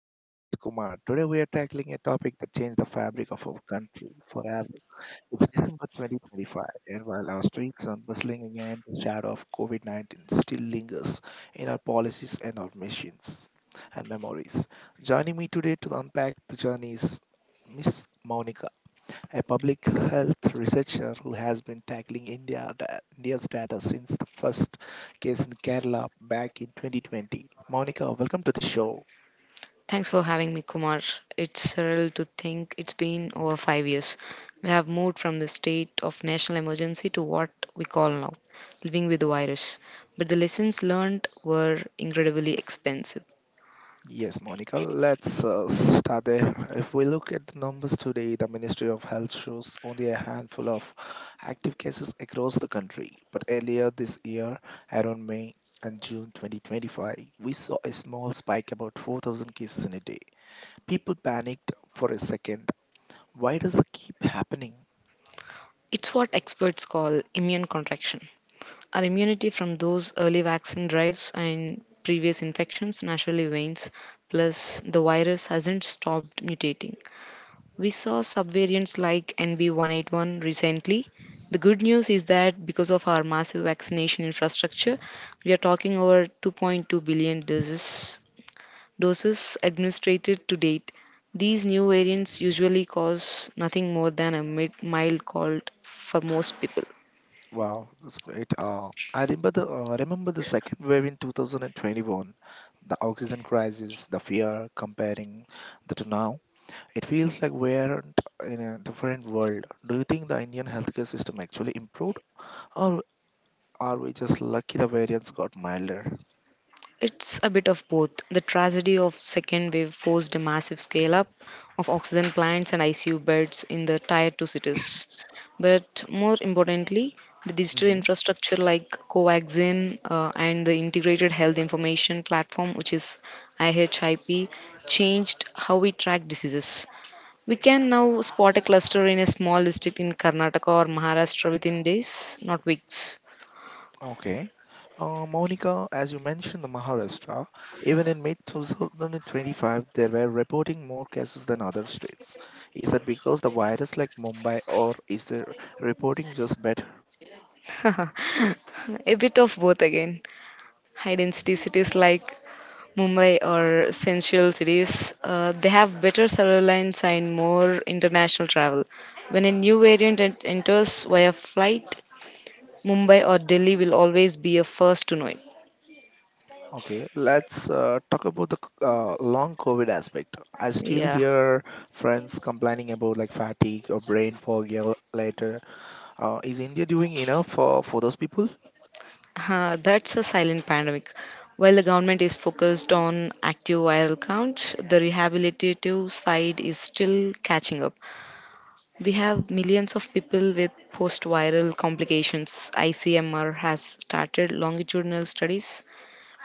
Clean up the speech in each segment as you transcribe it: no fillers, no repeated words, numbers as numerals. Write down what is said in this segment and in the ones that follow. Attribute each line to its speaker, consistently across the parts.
Speaker 1: I'm your host Kumar. Today we are tackling a topic that changed the fabric of our country forever. It's December 2025, and while our streets are bustling again, the shadow of COVID 19 still lingers in our policies and our machines and memories. Joining me today to unpack the journey is Miss Monica, a public health researcher who has been tackling India's data since the first case in Kerala back in 2020. Monica, welcome to the show.
Speaker 2: Thanks for having me, Kumar. It's surreal to think it's been over five years. We have moved from the state of national emergency to what we call now living with the virus. But the lessons learned were incredibly expensive.
Speaker 1: Yes, Monica, let's start there. If we look at the numbers today, the Ministry of Health shows only a handful of active cases across the country. But earlier this year, around May and June 2025, we saw a small spike about 4,000 cases in a day. People panicked for a second. Why does that keep happening?
Speaker 2: It's what experts call immune contraction. Our immunity from those early vaccine drives and previous infections naturally wanes. Plus, the virus hasn't stopped mutating. We saw subvariants like NB181 recently. The good news is that because of our massive vaccination infrastructure, we are talking over 2.2 billion doses, doses administered to date. These new variants usually cause nothing more than a mild cold for most people.
Speaker 1: Wow, that's great. I remember the second wave in 2021, the oxygen crisis, the fear comparing the to now. It feels like we're in a different world. Do you think the Indian healthcare system actually improved, or are we just lucky the variants got milder?
Speaker 2: It's a bit of both. The tragedy of second wave forced a massive scale up of oxygen plants and ICU beds in the tier 2 cities. But more importantly, the digital
Speaker 1: Mm-hmm.
Speaker 2: infrastructure like Covaxin and the integrated health information platform, which is IHIP, changed how we track diseases. We can now spot a cluster in a small district in Karnataka or Maharashtra within days, not weeks.
Speaker 1: Okay. Monica, as you mentioned, the Maharashtra, even in mid-2025, there were reporting more cases than other states. Is that because the virus like Mumbai, or is the reporting just better?
Speaker 2: A bit of both again. High density cities like Mumbai or sensual cities, they have better cellular lines and more international travel. When a new variant enters via flight, Mumbai or Delhi will always be a first to know it.
Speaker 1: Okay, let's talk about the long COVID aspect. I still
Speaker 2: Yeah,
Speaker 1: hear friends complaining about like fatigue or brain fog year later. Is India doing enough for those people?
Speaker 2: that's a silent pandemic. While the government is focused on active viral counts, the rehabilitative side is still catching up. We have millions of people with post viral complications. ICMR has started longitudinal studies,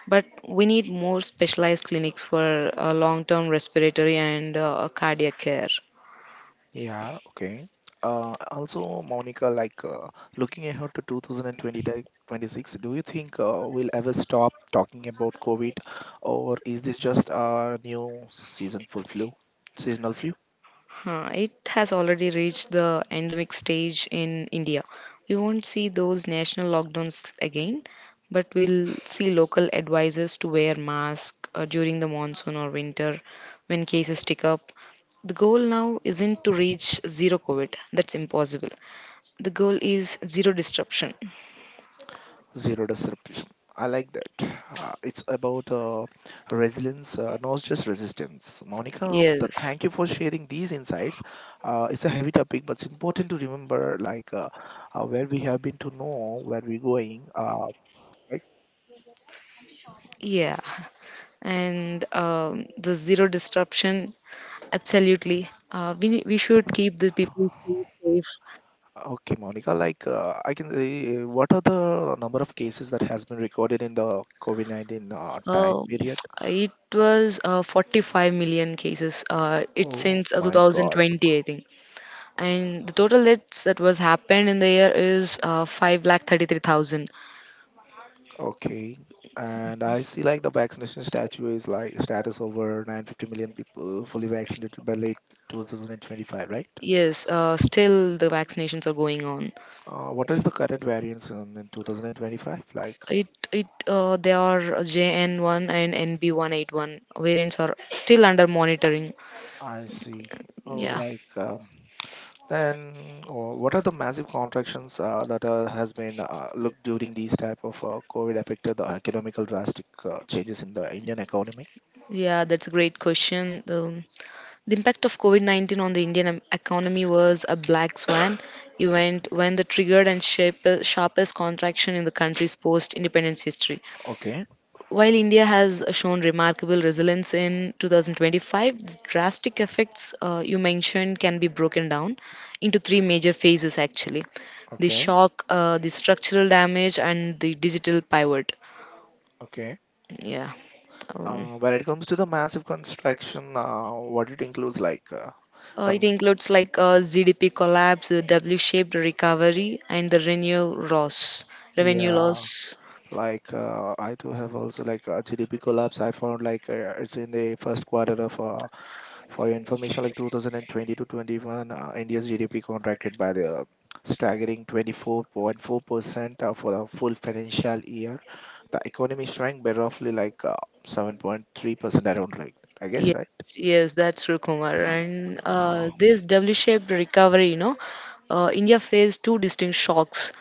Speaker 2: but we need more specialized clinics for long term respiratory and cardiac care.
Speaker 1: Yeah, okay. Also, Monica, looking ahead to 2020-26, do you think we'll ever stop talking about COVID, or is this just a new season full flu, seasonal flu,
Speaker 2: Huh, it has already reached the endemic stage in India. We won't see those national lockdowns again, but we'll see local advisors to wear masks during the monsoon or winter when cases tick up. The goal now isn't to reach zero COVID, that's impossible. The goal is zero disruption.
Speaker 1: zero disruption? I like that. It's about resilience, not just resistance. Monica,
Speaker 2: Yes.
Speaker 1: thank you for sharing these insights. It's a heavy topic, but it's important to remember, where we have been to know where we're going. Right?
Speaker 2: Yeah, and the zero disruption, absolutely. We should keep the people safe.
Speaker 1: Okay, Monica, I can say, what are the number of cases that has been recorded in the COVID-19
Speaker 2: Uh,
Speaker 1: time period?
Speaker 2: it was 45 million cases. It's
Speaker 1: Oh
Speaker 2: since
Speaker 1: my God.
Speaker 2: 2020, I think. And the total deaths that was happened in the year is 5 lakh 33,000.
Speaker 1: Okay. And I see like the vaccination statue is like status over 950 million people fully vaccinated by late 2025, right?
Speaker 2: Yes, still the vaccinations are going on.
Speaker 1: What is the current variance in 2025? Like,
Speaker 2: It they are JN1 and NB181 variants are still under monitoring.
Speaker 1: I see. Oh,
Speaker 2: Yeah,
Speaker 1: like um, Then, oh, what are the massive contractions that has been looked during these type of COVID affected the economical drastic changes in the Indian economy?
Speaker 2: yeah, that's a great question. The impact of COVID 19 on the Indian economy was a black swan event when the triggered and sharpest contraction in the country's post independence history.
Speaker 1: Okay,
Speaker 2: While India has shown remarkable resilience in 2025, the drastic effects you mentioned can be broken down into three major phases actually, the
Speaker 1: okay,
Speaker 2: shock, the structural damage, and the digital pivot.
Speaker 1: okay.
Speaker 2: Yeah. Um,
Speaker 1: When it comes to the massive construction, what it includes, the
Speaker 2: It
Speaker 1: m-
Speaker 2: includes like GDP collapse, the W-shaped recovery, and the revenue loss. Revenue
Speaker 1: yeah,
Speaker 2: loss.
Speaker 1: I do have also GDP collapse. I found it's in the first quarter of for your information, like 2020 to 21, India's GDP contracted by the staggering 24.4% for the full financial year. The economy shrank by roughly 7.3% around like that, I guess,
Speaker 2: Yes,
Speaker 1: right?
Speaker 2: yes, that's true, Kumar. And
Speaker 1: Uh,
Speaker 2: this W-shaped recovery, you know, India faced two distinct shocks: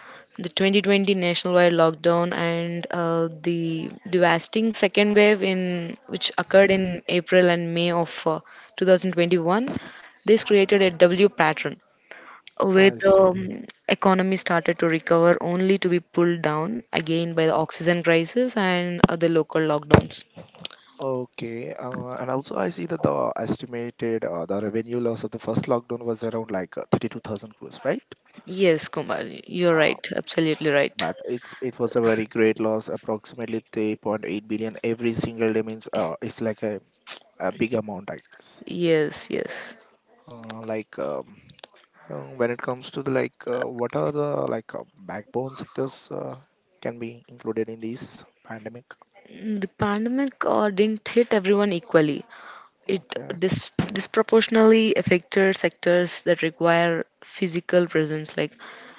Speaker 2: the 2020 nationwide lockdown and the devastating second wave, in which occurred in April and May of 2021. This created a W pattern where
Speaker 1: I
Speaker 2: the
Speaker 1: see.
Speaker 2: economy started to recover only to be pulled down again by the oxygen crisis and other local lockdowns.
Speaker 1: Okay, and also I see that the estimated the revenue loss of the first lockdown was around 32,000 crores, right?
Speaker 2: Yes, Kumar, you're
Speaker 1: Uh,
Speaker 2: right, absolutely right.
Speaker 1: but it was a very great loss, approximately 3.8 billion every single day, means it's like a big amount, I guess.
Speaker 2: Yes, yes.
Speaker 1: uh, like um, when it comes to the what are the like uh, backbone sectors can be included in this pandemic?
Speaker 2: The pandemic didn't hit everyone equally. It
Speaker 1: Okay,
Speaker 2: dis- disproportionately affected sectors that require physical presence, like,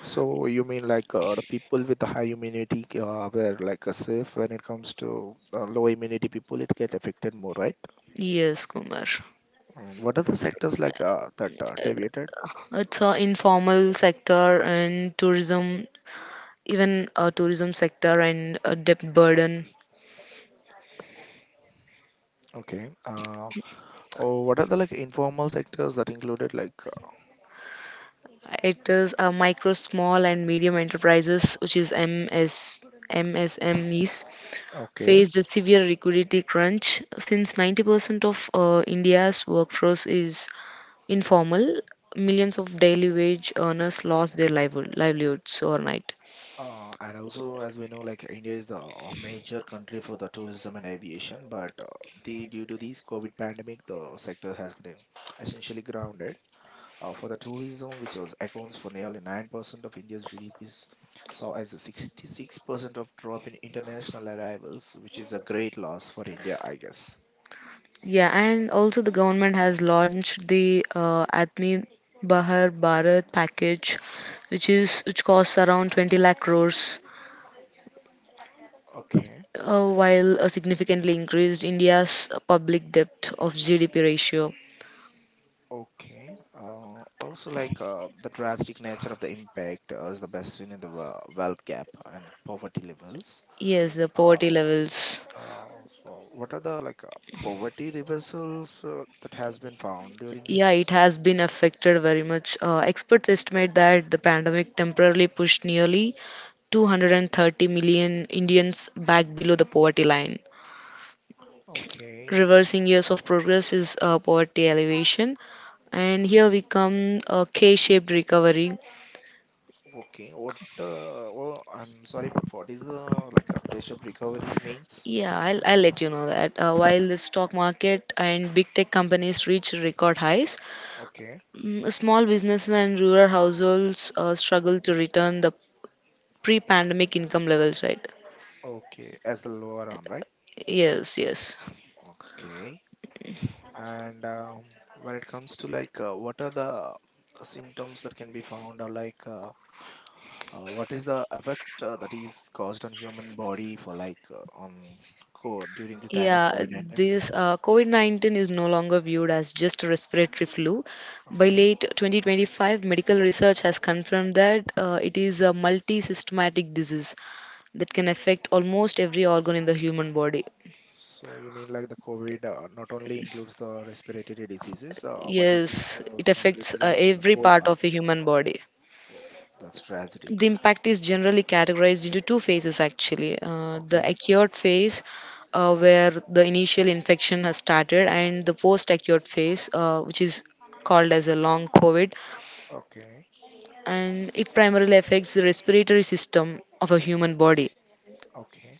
Speaker 1: so you mean like the people with the high immunity were safe, when it comes to low immunity people, it get affected more, right?
Speaker 2: yes, Kumar.
Speaker 1: What are the sectors that deviated?
Speaker 2: It's an informal sector and tourism, even a tourism sector and a debt burden.
Speaker 1: Okay. Uh, Oh, what are the like informal sectors that included?
Speaker 2: It is a micro, small, and medium enterprises, which is MSMEs,
Speaker 1: Okay.
Speaker 2: faced a severe liquidity crunch. Since 90% of India's workforce is informal, millions of daily wage earners lost their livelihoods overnight.
Speaker 1: And also, as we know, like India is the major country for the tourism and aviation, but the due to this COVID pandemic, the sector has been essentially grounded. For the tourism, which was accounts for nearly 9% of India's GDPs, saw as a 66% of drop in international arrivals, which is a great loss for India, I guess.
Speaker 2: Yeah, and also the government has launched the Atmi Bahar Bharat package, which costs around 20 lakh crores
Speaker 1: Okay.
Speaker 2: while significantly increased India's public debt of GDP ratio.
Speaker 1: Okay. Also, the drastic nature of the impact is the best seen in the wealth gap and poverty levels.
Speaker 2: Yes, the
Speaker 1: Uh,
Speaker 2: poverty levels.
Speaker 1: so, what are the poverty reversals that has been found during
Speaker 2: Yeah, it
Speaker 1: this?
Speaker 2: has been affected very much. Experts estimate that the pandemic temporarily pushed nearly 230 million Indians back below the poverty line.
Speaker 1: Okay.
Speaker 2: Reversing years of progress is poverty elevation. And here we come a K-shaped recovery.
Speaker 1: Okay. What? Oh, I'm sorry, but what is the like a case of recovery means?
Speaker 2: Yeah, I'll let you know that. While the stock market and big tech companies reach record highs,
Speaker 1: Okay.
Speaker 2: Small businesses and rural households struggle to return the pre-pandemic income levels, right?
Speaker 1: Okay. As the lower arm, right?
Speaker 2: Yes, yes.
Speaker 1: Okay. And when it comes to what are the symptoms that can be found, or what is the effect that is caused on human body for like on co during the time of
Speaker 2: Yeah,
Speaker 1: COVID-19?
Speaker 2: this COVID-19 is no longer viewed as just a respiratory flu. By
Speaker 1: Okay.
Speaker 2: late 2025, medical research has confirmed that it is a multi-systematic disease that can affect almost every organ in the human body.
Speaker 1: So you mean like the COVID not only includes the respiratory diseases, but it is
Speaker 2: Yes, it affects
Speaker 1: completed with the
Speaker 2: every
Speaker 1: whole
Speaker 2: part
Speaker 1: part
Speaker 2: of
Speaker 1: of
Speaker 2: a
Speaker 1: the
Speaker 2: human
Speaker 1: body.
Speaker 2: body.
Speaker 1: Oh, that's tragic.
Speaker 2: The impact is generally categorized into two phases actually, the
Speaker 1: Okay.
Speaker 2: acute phase where the initial infection has started and the post acute phase which is called as a long covid,
Speaker 1: Okay. s-
Speaker 2: and it primarily affects the respiratory system of a human body.
Speaker 1: Okay.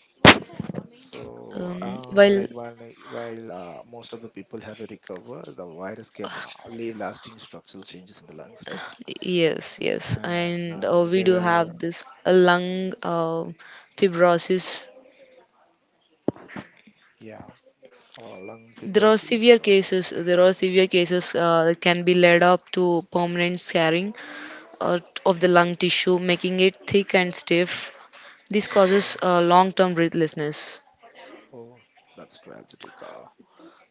Speaker 1: So, uh,
Speaker 2: Well,
Speaker 1: like while, like, while uh, most of the people have a recover, the virus can leave lasting structural changes in the lungs, right?
Speaker 2: yes, yes,
Speaker 1: And
Speaker 2: and we
Speaker 1: they
Speaker 2: do
Speaker 1: were,
Speaker 2: have this lung fibrosis.
Speaker 1: yeah, lung fibrosis.
Speaker 2: There are severe cases that can be led up to permanent scarring uh, of the lung tissue, making it thick and stiff. This
Speaker 1: Okay.
Speaker 2: causes long term breathlessness.
Speaker 1: Oh, that's tragic.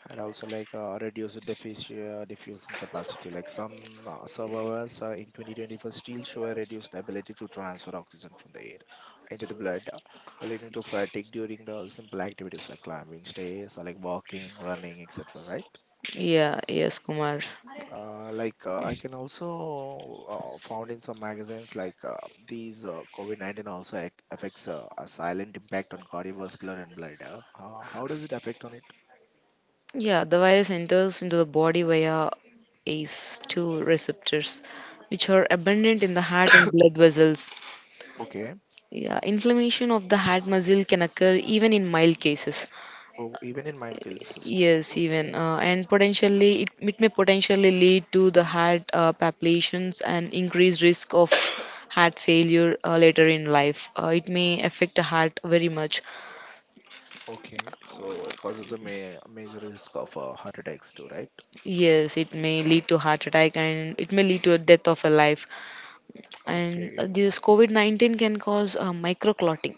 Speaker 1: And also reduced diffusion diffusing capacity. Like some survivors in 2024 still show a reduced ability to transfer oxygen from the air into the blood, leading to fatigue during the simple activities like climbing stairs or like walking, running, etc. Right?
Speaker 2: Yeah, yes, Kumar.
Speaker 1: I can also found in some magazines like these COVID-19 also affects a silent impact on cardiovascular and blood. How does it affect on it?
Speaker 2: Yeah, the virus enters into the body via ACE2 receptors, which are abundant in the heart and blood vessels.
Speaker 1: Okay.
Speaker 2: Yeah, inflammation of the heart muscle can occur even in mild cases.
Speaker 1: Oh, even in mind kills us too.
Speaker 2: Yes, even and potentially it may potentially lead to the heart palpitations and increased risk of heart failure later in life. It may affect the heart very much.
Speaker 1: Okay. So it causes a major risk of heart attacks too, right?
Speaker 2: Yes, it may lead to heart attack and it may lead to a death of a life. And
Speaker 1: Okay.
Speaker 2: this COVID 19 can cause microclotting.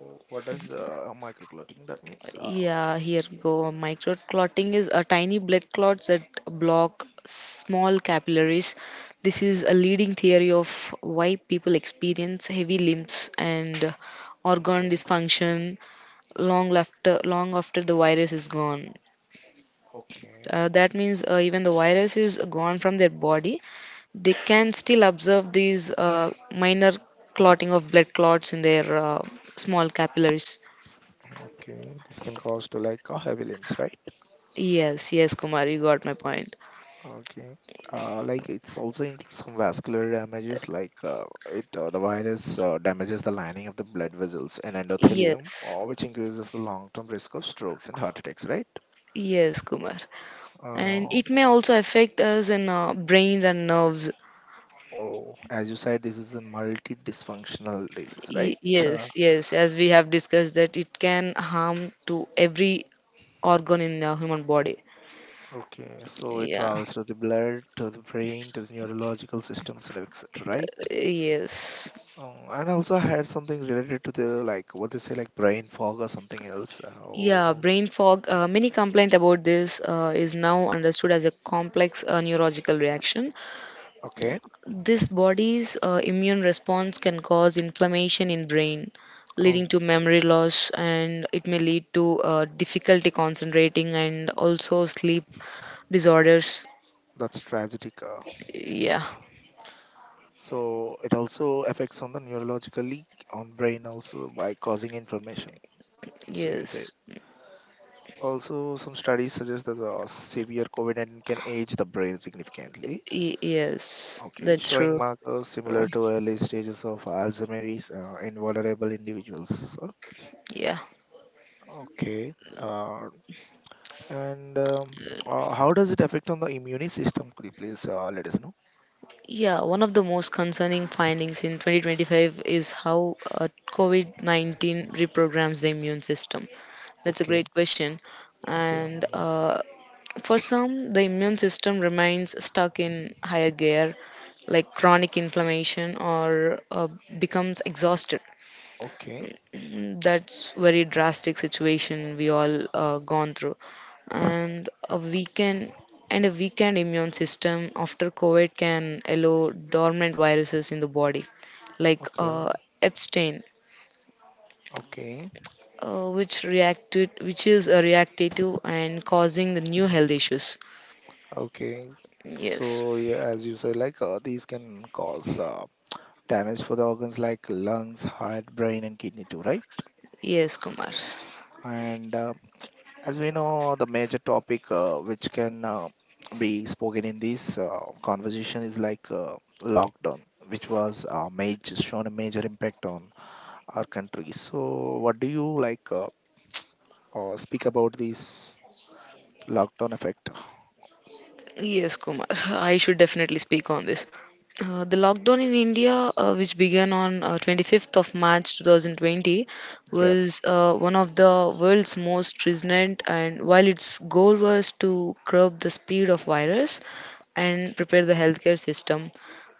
Speaker 1: Oh, what does microclotting that means?
Speaker 2: Yeah, here we go. Microclotting is a tiny blood clots that block small capillaries. This is a leading theory of why people experience heavy limbs and organ
Speaker 1: Okay.
Speaker 2: dysfunction long after the virus is gone.
Speaker 1: Okay.
Speaker 2: That means even the virus is gone from their body, they can still observe these minor clotting of blood clots in their small capillaries.
Speaker 1: Okay. This can cause to heavy limbs, right?
Speaker 2: Yes, yes, Kumar, you got my point.
Speaker 1: Okay. It's also includes some vascular damages, like it the virus damages the lining of the blood vessels and endothelium,
Speaker 2: Yes,
Speaker 1: which increases the long-term risk of strokes and heart attacks, right?
Speaker 2: yes, Kumar. And
Speaker 1: Um,
Speaker 2: it may also affect us in our brains and nerves.
Speaker 1: oh, as you said, this is a multi-dysfunctional disease, right? Uh,
Speaker 2: Yes, as we have discussed that it can harm to every organ in the human body.
Speaker 1: okay, so it
Speaker 2: Yeah,
Speaker 1: travels to the blood, to the brain, to the neurological systems, and etc. Right?
Speaker 2: yes.
Speaker 1: And also I had something related to the like what they say like brain fog or something else.
Speaker 2: Yeah,
Speaker 1: Oh,
Speaker 2: brain fog. Many complaint about this is now understood as a complex neurological reaction.
Speaker 1: okay.
Speaker 2: This body's immune response can cause inflammation in brain, leading
Speaker 1: Oh,
Speaker 2: to memory loss, and it may lead to difficulty concentrating and also sleep disorders.
Speaker 1: that's tragic.
Speaker 2: Yeah.
Speaker 1: So it also affects on the neurologically on brain also by causing inflammation. So you say.
Speaker 2: Yes.
Speaker 1: Also, some studies suggest that the severe COVID-19 can age the brain significantly. Okay,
Speaker 2: That's
Speaker 1: showing
Speaker 2: true.
Speaker 1: markers
Speaker 2: Uh,
Speaker 1: similar to early stages of Alzheimer's in vulnerable individuals.
Speaker 2: yeah.
Speaker 1: Okay, and how does it affect on the immune system? Could you please let us know?
Speaker 2: Yeah, one of the most concerning findings in 2025 is how COVID 19 reprograms the immune system. That's a
Speaker 1: Okay,
Speaker 2: great question.
Speaker 1: okay,
Speaker 2: And
Speaker 1: mm,
Speaker 2: for some, the immune system remains stuck in higher gear, like chronic inflammation, or becomes exhausted.
Speaker 1: okay,
Speaker 2: That's very drastic situation we all gone through. And a
Speaker 1: uh,
Speaker 2: weekend and a weakened immune system after COVID can allow dormant viruses in the body, like
Speaker 1: okay,
Speaker 2: Epstein,
Speaker 1: okay,
Speaker 2: which is a reactive and causing the new health issues.
Speaker 1: okay.
Speaker 2: Yes,
Speaker 1: So yeah, as you said, these can cause damage for the organs like lungs, heart, brain, and kidney too, right?
Speaker 2: yes, Kumar.
Speaker 1: And as we know, the major topic which can be spoken in this conversation is lockdown, which was shown a major impact on our country. So, what do you speak about this lockdown effect?
Speaker 2: Yes, Kumar, I should definitely speak on this. The lockdown in India, which began on 25th of March 2020,
Speaker 1: Yeah.
Speaker 2: was one of the world's most resonant. And while its goal was to curb the speed of virus and prepare the healthcare system,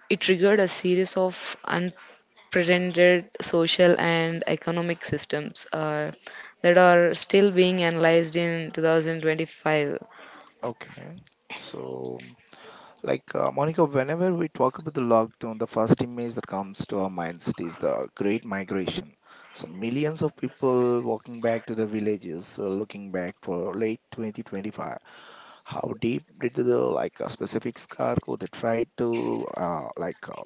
Speaker 2: it triggered a series of unprecedented social and economic systems that are still being analyzed in 2025.
Speaker 1: Okay. So. Like, Monica, whenever we talk about the lockdown, the first image that comes to our minds is the Great Migration. So, millions of people walking back to their villages, looking back for late 2025. How deep did the like a specific scar go? They tried to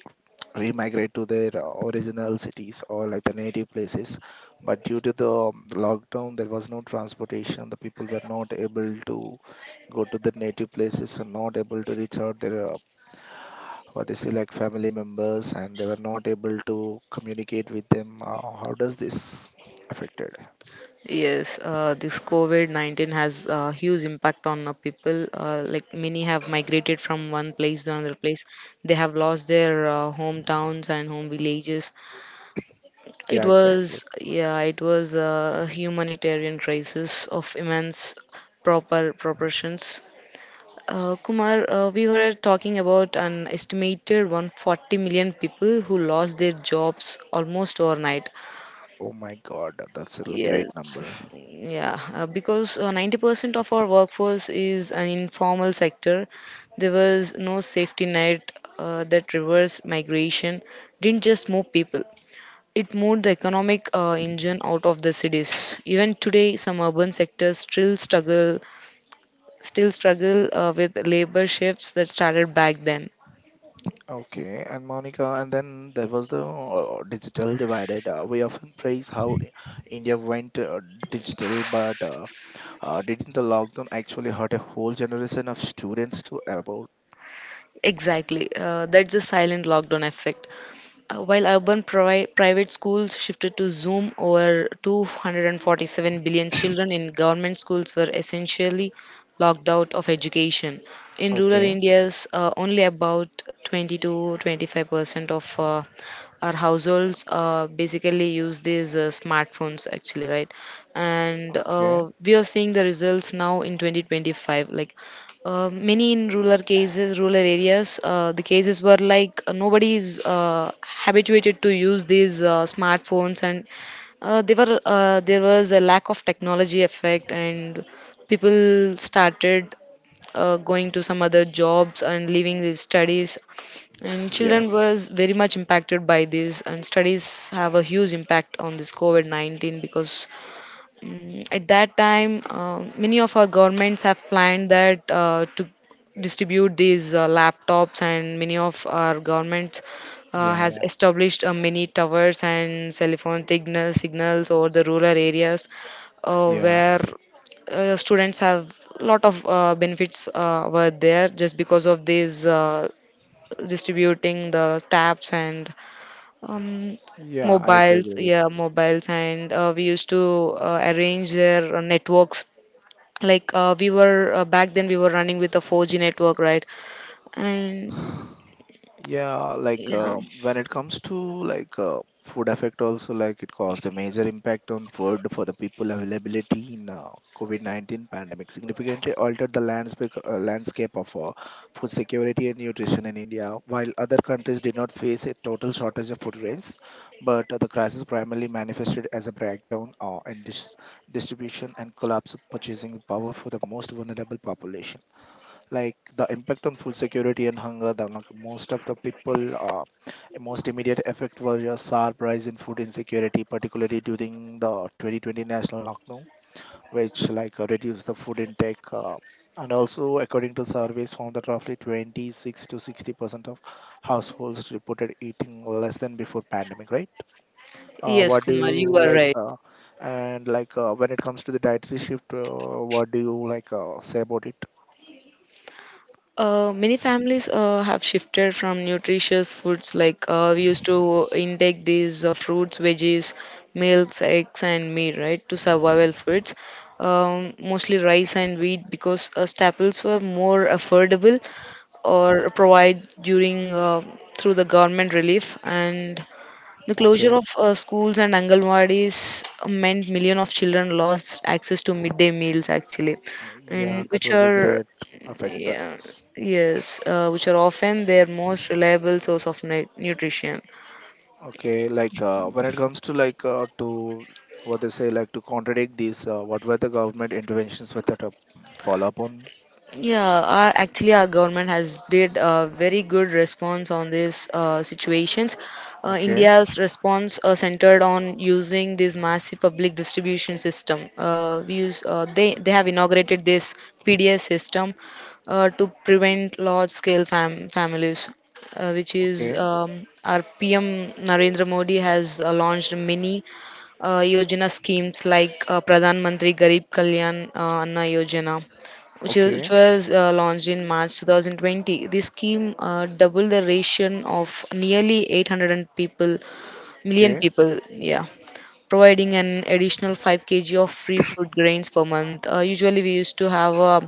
Speaker 1: remigrate to their original cities or like the native places, but due to the lockdown, there was no transportation. The people were not able to go to the native places and not able to reach out their what they say like family members, and they were not able to communicate with them. How does this affected?
Speaker 2: Yes, this COVID-19 has a huge impact on people. Like many have migrated from one place to another place. They have lost their hometowns and home villages. It
Speaker 1: Yeah, exactly.
Speaker 2: was, yeah, it was a humanitarian crisis of immense proper proportions. Kumar, we were talking about an estimated 140 million people who lost their jobs almost overnight.
Speaker 1: Oh my god, that's a
Speaker 2: Yes,
Speaker 1: great number.
Speaker 2: yeah, because 90% of our workforce is an informal sector. There was no safety net. That reverse migration didn't just move people, it moved the economic engine out of the cities. Even today, some urban sectors still struggle with labor shifts that started back then.
Speaker 1: Okay. And Monica, and then there was the digital divided. We often praise how India went digital, but didn't the lockdown actually hurt a whole generation of students to about?
Speaker 2: Exactly, that's a silent lockdown effect. While urban private schools shifted to Zoom, over 247 billion children in government schools were essentially locked out of education. In rural
Speaker 1: Okay.
Speaker 2: India's, only about 20 to 25% of our households basically use these smartphones, actually, right. And
Speaker 1: Okay.
Speaker 2: we are seeing the results now in 2025. Like many in rural cases, rural areas, the cases were like nobody is habituated to use these smartphones, and they were there was a lack of technology effect, and people started going to some other jobs and leaving these studies, and
Speaker 1: Yeah,
Speaker 2: children was very much impacted by this, and studies have a huge impact on this COVID 19 because at that time, many of our governments have planned that to distribute these laptops, and many of our governments
Speaker 1: yeah.
Speaker 2: has
Speaker 1: Yeah,
Speaker 2: established many towers and telephone phone signals over the rural areas
Speaker 1: yeah.
Speaker 2: where students have lot of benefits were there just because of these distributing the tabs and um,
Speaker 1: Yeah, I do
Speaker 2: mobiles,
Speaker 1: agree
Speaker 2: yeah, mobiles, and we used to arrange their networks. Like, we were back then, we were running with a 4G network, right? And
Speaker 1: with. Yeah, like
Speaker 2: yeah,
Speaker 1: when it comes to like food effect also, like it caused a major impact on food for the people availability in COVID-19 pandemic significantly altered the landscape of food security and nutrition in India. While other countries did not face a total shortage of food grains, but the crisis primarily manifested as a breakdown in distribution and collapse of purchasing power for the most vulnerable population, like the impact on food security and hunger. The like, most of the people, most immediate effect was a sharp rise in food insecurity, particularly during the 2020 national lockdown, which like reduced the food intake, and also according to surveys found that roughly 26 to 60% of households reported eating less than before pandemic, right?
Speaker 2: yes,
Speaker 1: What do
Speaker 2: Kumar, you
Speaker 1: you
Speaker 2: are
Speaker 1: like
Speaker 2: right.
Speaker 1: and like when it comes to the dietary shift, what do you like say about it?
Speaker 2: Many families have shifted from nutritious foods, like we used to intake these fruits, veggies, milks, eggs, and meat, right, to survival foods. Mostly rice and wheat, because staples were more affordable or provide during through the government relief and the closure
Speaker 1: Okay.
Speaker 2: of schools and angalwadis meant million of children lost access to midday meals actually,
Speaker 1: Yeah,
Speaker 2: and
Speaker 1: that
Speaker 2: which
Speaker 1: was a
Speaker 2: are
Speaker 1: great effect that.
Speaker 2: yeah, yes, which are often their most reliable source of nutrition.
Speaker 1: Okay, like when it comes to like to what they say, like to contradict these, what were the government interventions with that follow up on?
Speaker 2: Yeah, actually, our government has did a very good response on these situations.
Speaker 1: Okay.
Speaker 2: India's response centered on using this massive public distribution system. We use, they have inaugurated this PDS system to prevent large-scale families, which is
Speaker 1: Okay.
Speaker 2: our PM Narendra Modi has launched many Yojana schemes like Pradhan Mantri Garib Kalyan Anna Yojana,
Speaker 1: Okay.
Speaker 2: which was launched in March 2020. This scheme doubled the ration of nearly 800 million
Speaker 1: Okay.
Speaker 2: people. Yeah, providing an additional 5 kg of free food grains per month. Usually, we used to have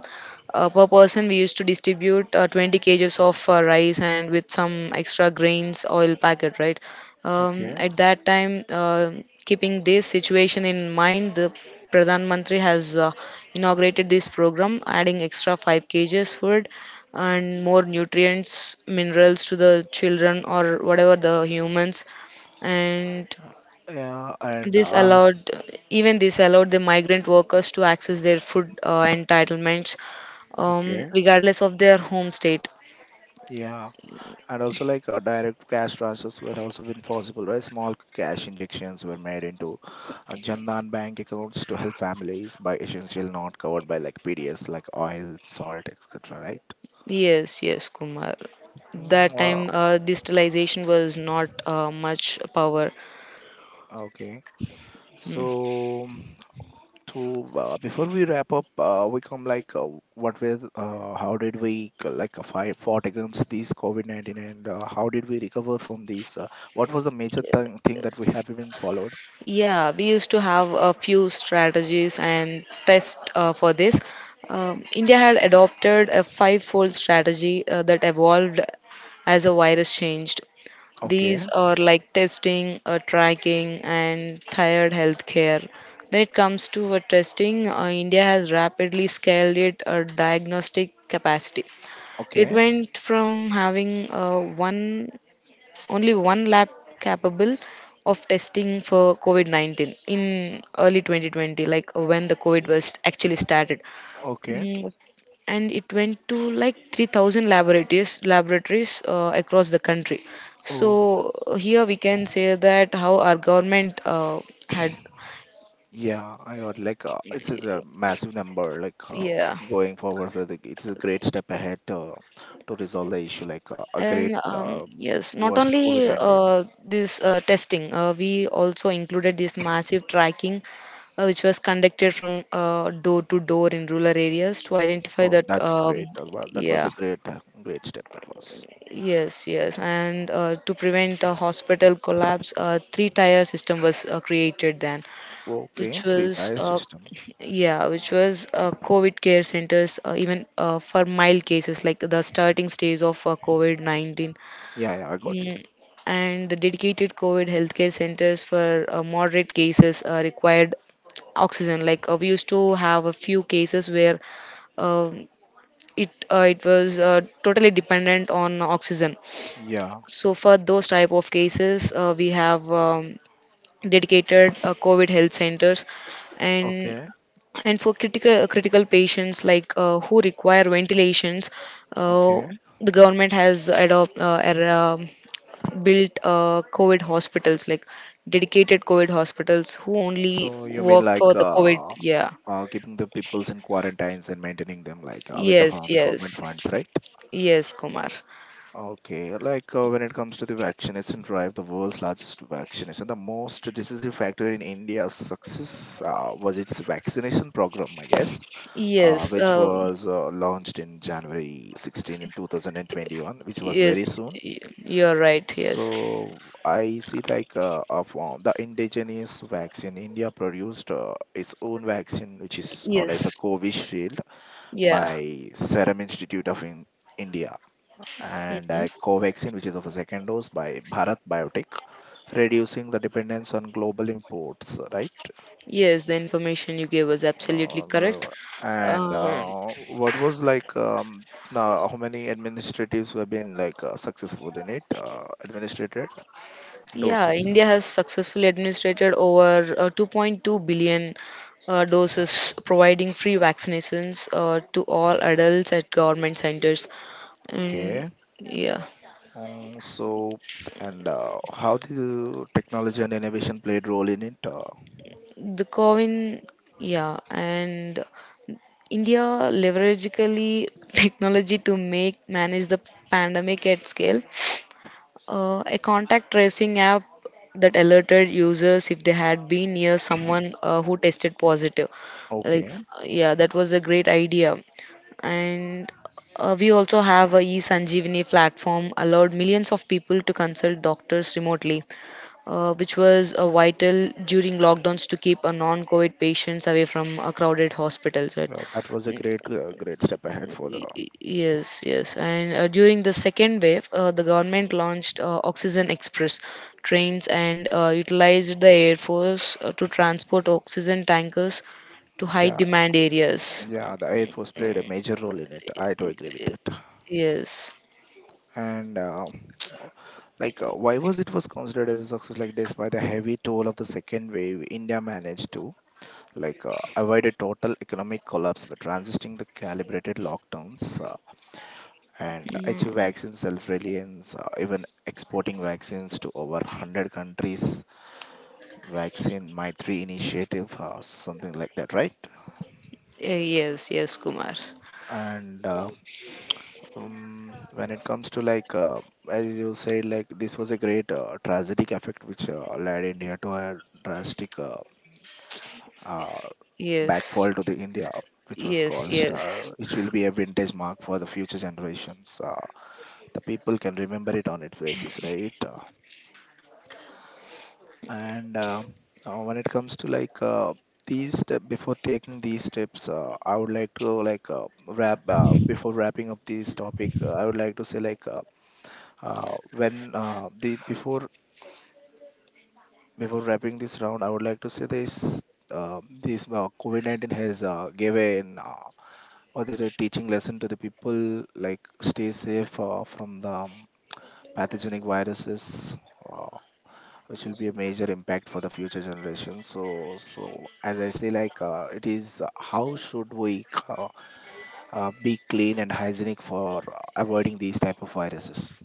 Speaker 2: per person, we used to distribute 20 kgs of rice and with some extra grains, oil packet, right?
Speaker 1: Okay.
Speaker 2: At that time, keeping this situation in mind, the Pradhan Mantri has inaugurated this program, adding extra 5 kgs food and more nutrients, minerals to the children or whatever the humans. and
Speaker 1: uh, yeah, and
Speaker 2: this allowed, Even this allowed the migrant workers to access their food entitlements,
Speaker 1: okay.
Speaker 2: regardless of their home state.
Speaker 1: Yeah, and also like direct cash transfers were also been possible, right? Small cash injections were made into Jandan bank accounts to help families by essential not covered by like PDS, like oil, salt, etc, right?
Speaker 2: Yes, yes, Kumar.
Speaker 1: Mm,
Speaker 2: That
Speaker 1: wow.
Speaker 2: time, digitalization was not much power.
Speaker 1: Okay.
Speaker 2: Mm.
Speaker 1: So, mm, to before we wrap up, we come like what was how did we like fight fought against these COVID-19, and how did we recover from these? What was the major thing that we have been followed?
Speaker 2: Yeah, we used to have a few strategies and tests for this. India had adopted a five-fold strategy that evolved as a virus changed.
Speaker 1: Okay.
Speaker 2: These are like testing, tracking, and thyroid health care. When it comes to testing, India has rapidly scaled its diagnostic capacity. It
Speaker 1: Okay.
Speaker 2: went from having one only one lab capable of testing for COVID 19 in early 2020, like when the COVID was actually started.
Speaker 1: Okay.
Speaker 2: Mm, and it went to like 3,000 laboratories across the country. So
Speaker 1: Oh,
Speaker 2: here we can say that how our government had,
Speaker 1: yeah. I got like it's a massive number. Like
Speaker 2: yeah.
Speaker 1: going forward, I think it is a great step ahead to resolve the issue. Like a great
Speaker 2: And yes, not
Speaker 1: worst
Speaker 2: only
Speaker 1: COVID-19.
Speaker 2: this testing, we also included this massive tracking, which was conducted from door to door in rural areas to identify
Speaker 1: Oh,
Speaker 2: that,
Speaker 1: that's great. Wow, that was
Speaker 2: yeah.
Speaker 1: a great step. That was
Speaker 2: Yes, yes, and to prevent a hospital collapse, a three-tier system was created then, which
Speaker 1: okay. Three
Speaker 2: was,
Speaker 1: tier
Speaker 2: uh,
Speaker 1: system.
Speaker 2: yeah, which was COVID care centers, even for mild cases like the starting stage of COVID-19,
Speaker 1: Yeah, yeah, I got you.
Speaker 2: mm, and the dedicated COVID healthcare centers for moderate cases required oxygen. Like we used to have a few cases where, um, it was totally dependent on oxygen.
Speaker 1: Yeah.
Speaker 2: So for those type of cases, we have dedicated COVID health centers, and
Speaker 1: Okay.
Speaker 2: and for critical patients like who require ventilations, uh,
Speaker 1: Okay.
Speaker 2: the government has adopt built COVID hospitals, like dedicated COVID hospitals who only
Speaker 1: So you mean
Speaker 2: work for
Speaker 1: like
Speaker 2: the COVID. Yeah.
Speaker 1: keeping the peoples in quarantines and maintaining them like with the
Speaker 2: Yes.
Speaker 1: fund, the government
Speaker 2: Yes.
Speaker 1: funds, right?
Speaker 2: Yes, Kumar.
Speaker 1: Okay. Like when it comes to the vaccination drive, the world's largest vaccination, the most decisive factor in India's success was its vaccination program, I guess.
Speaker 2: Yes.
Speaker 1: Which was launched in January 16 in 2021, which was very
Speaker 2: Yes.
Speaker 1: soon.
Speaker 2: You're right. Yes.
Speaker 1: So I see like of the indigenous vaccine, India produced its own vaccine, which is known as the
Speaker 2: Yes.
Speaker 1: Covishield
Speaker 2: Yeah.
Speaker 1: by Serum Institute of India, and
Speaker 2: Mhm.
Speaker 1: a Covaxin, which is of a second dose by Bharat Biotech, reducing the dependence on global imports, right?
Speaker 2: Yes, the information you gave was absolutely
Speaker 1: No,
Speaker 2: correct.
Speaker 1: no. And
Speaker 2: Um,
Speaker 1: what was like, how many administratives have been like successful in it? Administrated
Speaker 2: yeah,
Speaker 1: doses.
Speaker 2: India has successfully administered over 2.2 billion doses, providing free vaccinations to all adults at government centers. And
Speaker 1: Okay.
Speaker 2: yeah,
Speaker 1: So, and how the technology and innovation played role in it?
Speaker 2: the COVID, yeah, and India leveragically technology to make manage the pandemic at scale. A contact tracing app that alerted users if they had been near someone who tested positive. Like,
Speaker 1: Okay.
Speaker 2: yeah, that was a great idea. And we also have a eSanjeevani platform allowed millions of people to consult doctors remotely, which was vital during lockdowns to keep non-COVID patients away from crowded hospitals, right?
Speaker 1: Well, that was a great step ahead for the.
Speaker 2: Yes, yes. And during the second wave, the government launched Oxygen Express trains and utilized the Air Force to transport oxygen tankers to high
Speaker 1: Yeah,
Speaker 2: demand areas.
Speaker 1: yeah. The Air Force played a major role in it. I do agree with it.
Speaker 2: Yes.
Speaker 1: And like why was it was considered as a success like this? By the heavy toll of the second wave, India managed to like avoid a total economic collapse by transisting the calibrated lockdowns, and achieve
Speaker 2: Mm.
Speaker 1: vaccine self-reliance, even exporting vaccines to over 100 countries. Vaccine my three initiative something like that, right?
Speaker 2: Yes, yes, Kumar.
Speaker 1: And when it comes to like as you said, like this was a great tragic effect which led India to a drastic uh,
Speaker 2: Yes,
Speaker 1: backfall to the India, which was
Speaker 2: yes,
Speaker 1: caused,
Speaker 2: yes.
Speaker 1: which will be a vintage mark for the future generations. The people can remember it on its basis, right? And when it comes to like these step before taking these steps, I would like to like wrap before wrapping up this topic. I would like to say like. When the before wrapping this round, I would like to say this. This COVID-19 has gave an or the teaching lesson to the people, like stay safe from the pathogenic viruses. Uh, which will be a major impact for the future generation. So, as I say like it is how should we be clean and hygienic for avoiding these type of viruses.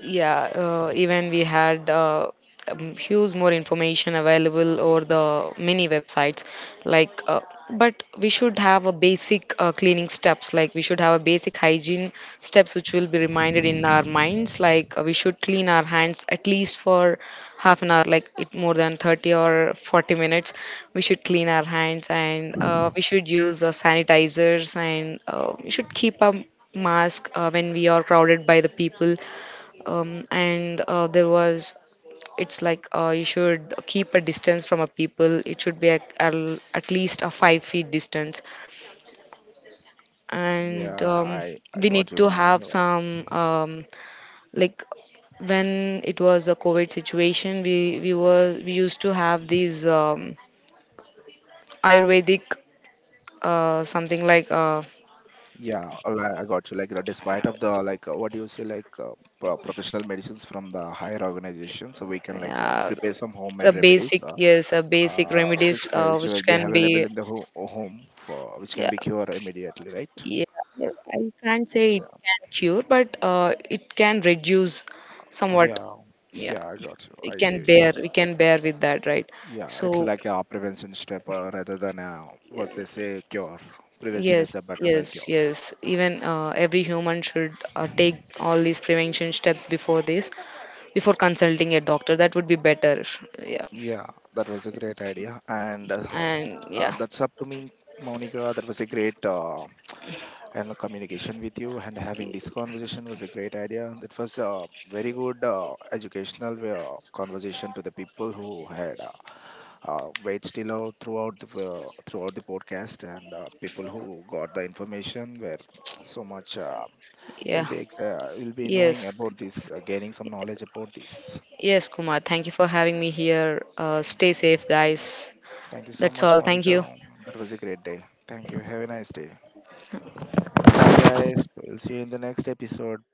Speaker 2: Yeah, even we had, huge more information available over the many websites. Like, uh, but we should have a basic cleaning steps. Like, we should have a basic hygiene steps which will be reminded in our minds. Like, we should clean our hands at least for half an hour. Like, it more than 30 or 40 minutes. We should clean our hands and we should use sanitizers and we should keep a mask when we are crowded by the people, and there was it's like you should keep a distance from a people. It should be at, at least a 5 feet distance, and
Speaker 1: Yeah, I
Speaker 2: we need
Speaker 1: got you,
Speaker 2: to have
Speaker 1: Monica.
Speaker 2: some, like when it was a covid situation, we used to have these, ayurvedic, something like
Speaker 1: Yeah, I got you. Like, you know, despite of the like, what do you say, like professional medicines from the higher organizations, so we can like
Speaker 2: uh,
Speaker 1: prepare some
Speaker 2: a
Speaker 1: homemade remedies,
Speaker 2: basic, a basic remedies,
Speaker 1: which which will
Speaker 2: which
Speaker 1: be
Speaker 2: can
Speaker 1: available
Speaker 2: be,
Speaker 1: in the ho home, for which can
Speaker 2: yeah.
Speaker 1: be cured immediately, right?
Speaker 2: Yeah, yeah, I can't say it
Speaker 1: Yeah,
Speaker 2: can cure, but it can reduce somewhat.
Speaker 1: yeah,
Speaker 2: Yeah,
Speaker 1: yeah. I got you. I agree with that.
Speaker 2: we can bear with that, right?
Speaker 1: Yeah, it's
Speaker 2: So,
Speaker 1: like a prevention step rather than what they say cure. Prevention is
Speaker 2: yes,
Speaker 1: better than
Speaker 2: yes,
Speaker 1: cure.
Speaker 2: yes. Even every human should take all these prevention steps before this, before consulting a doctor. That would be better. Yeah,
Speaker 1: Yeah, that was a great idea. And
Speaker 2: and yeah,
Speaker 1: that's up to me, Monica. That was a great and communication with you. And having this conversation was a great idea. It was a very good educational conversation to the people who had wait still out throughout the podcast, and people who got the information were so much. Will
Speaker 2: yeah.
Speaker 1: be will be knowing
Speaker 2: Yes,
Speaker 1: about this, gaining some knowledge about this.
Speaker 2: yes, Kumar. Thank you for having me here. Stay safe, guys.
Speaker 1: Thank you so
Speaker 2: That's
Speaker 1: much,
Speaker 2: all. Thank
Speaker 1: Monica.
Speaker 2: you.
Speaker 1: That was a great day. Thank you. Have a nice day. Bye, guys. We'll see you in the next episode.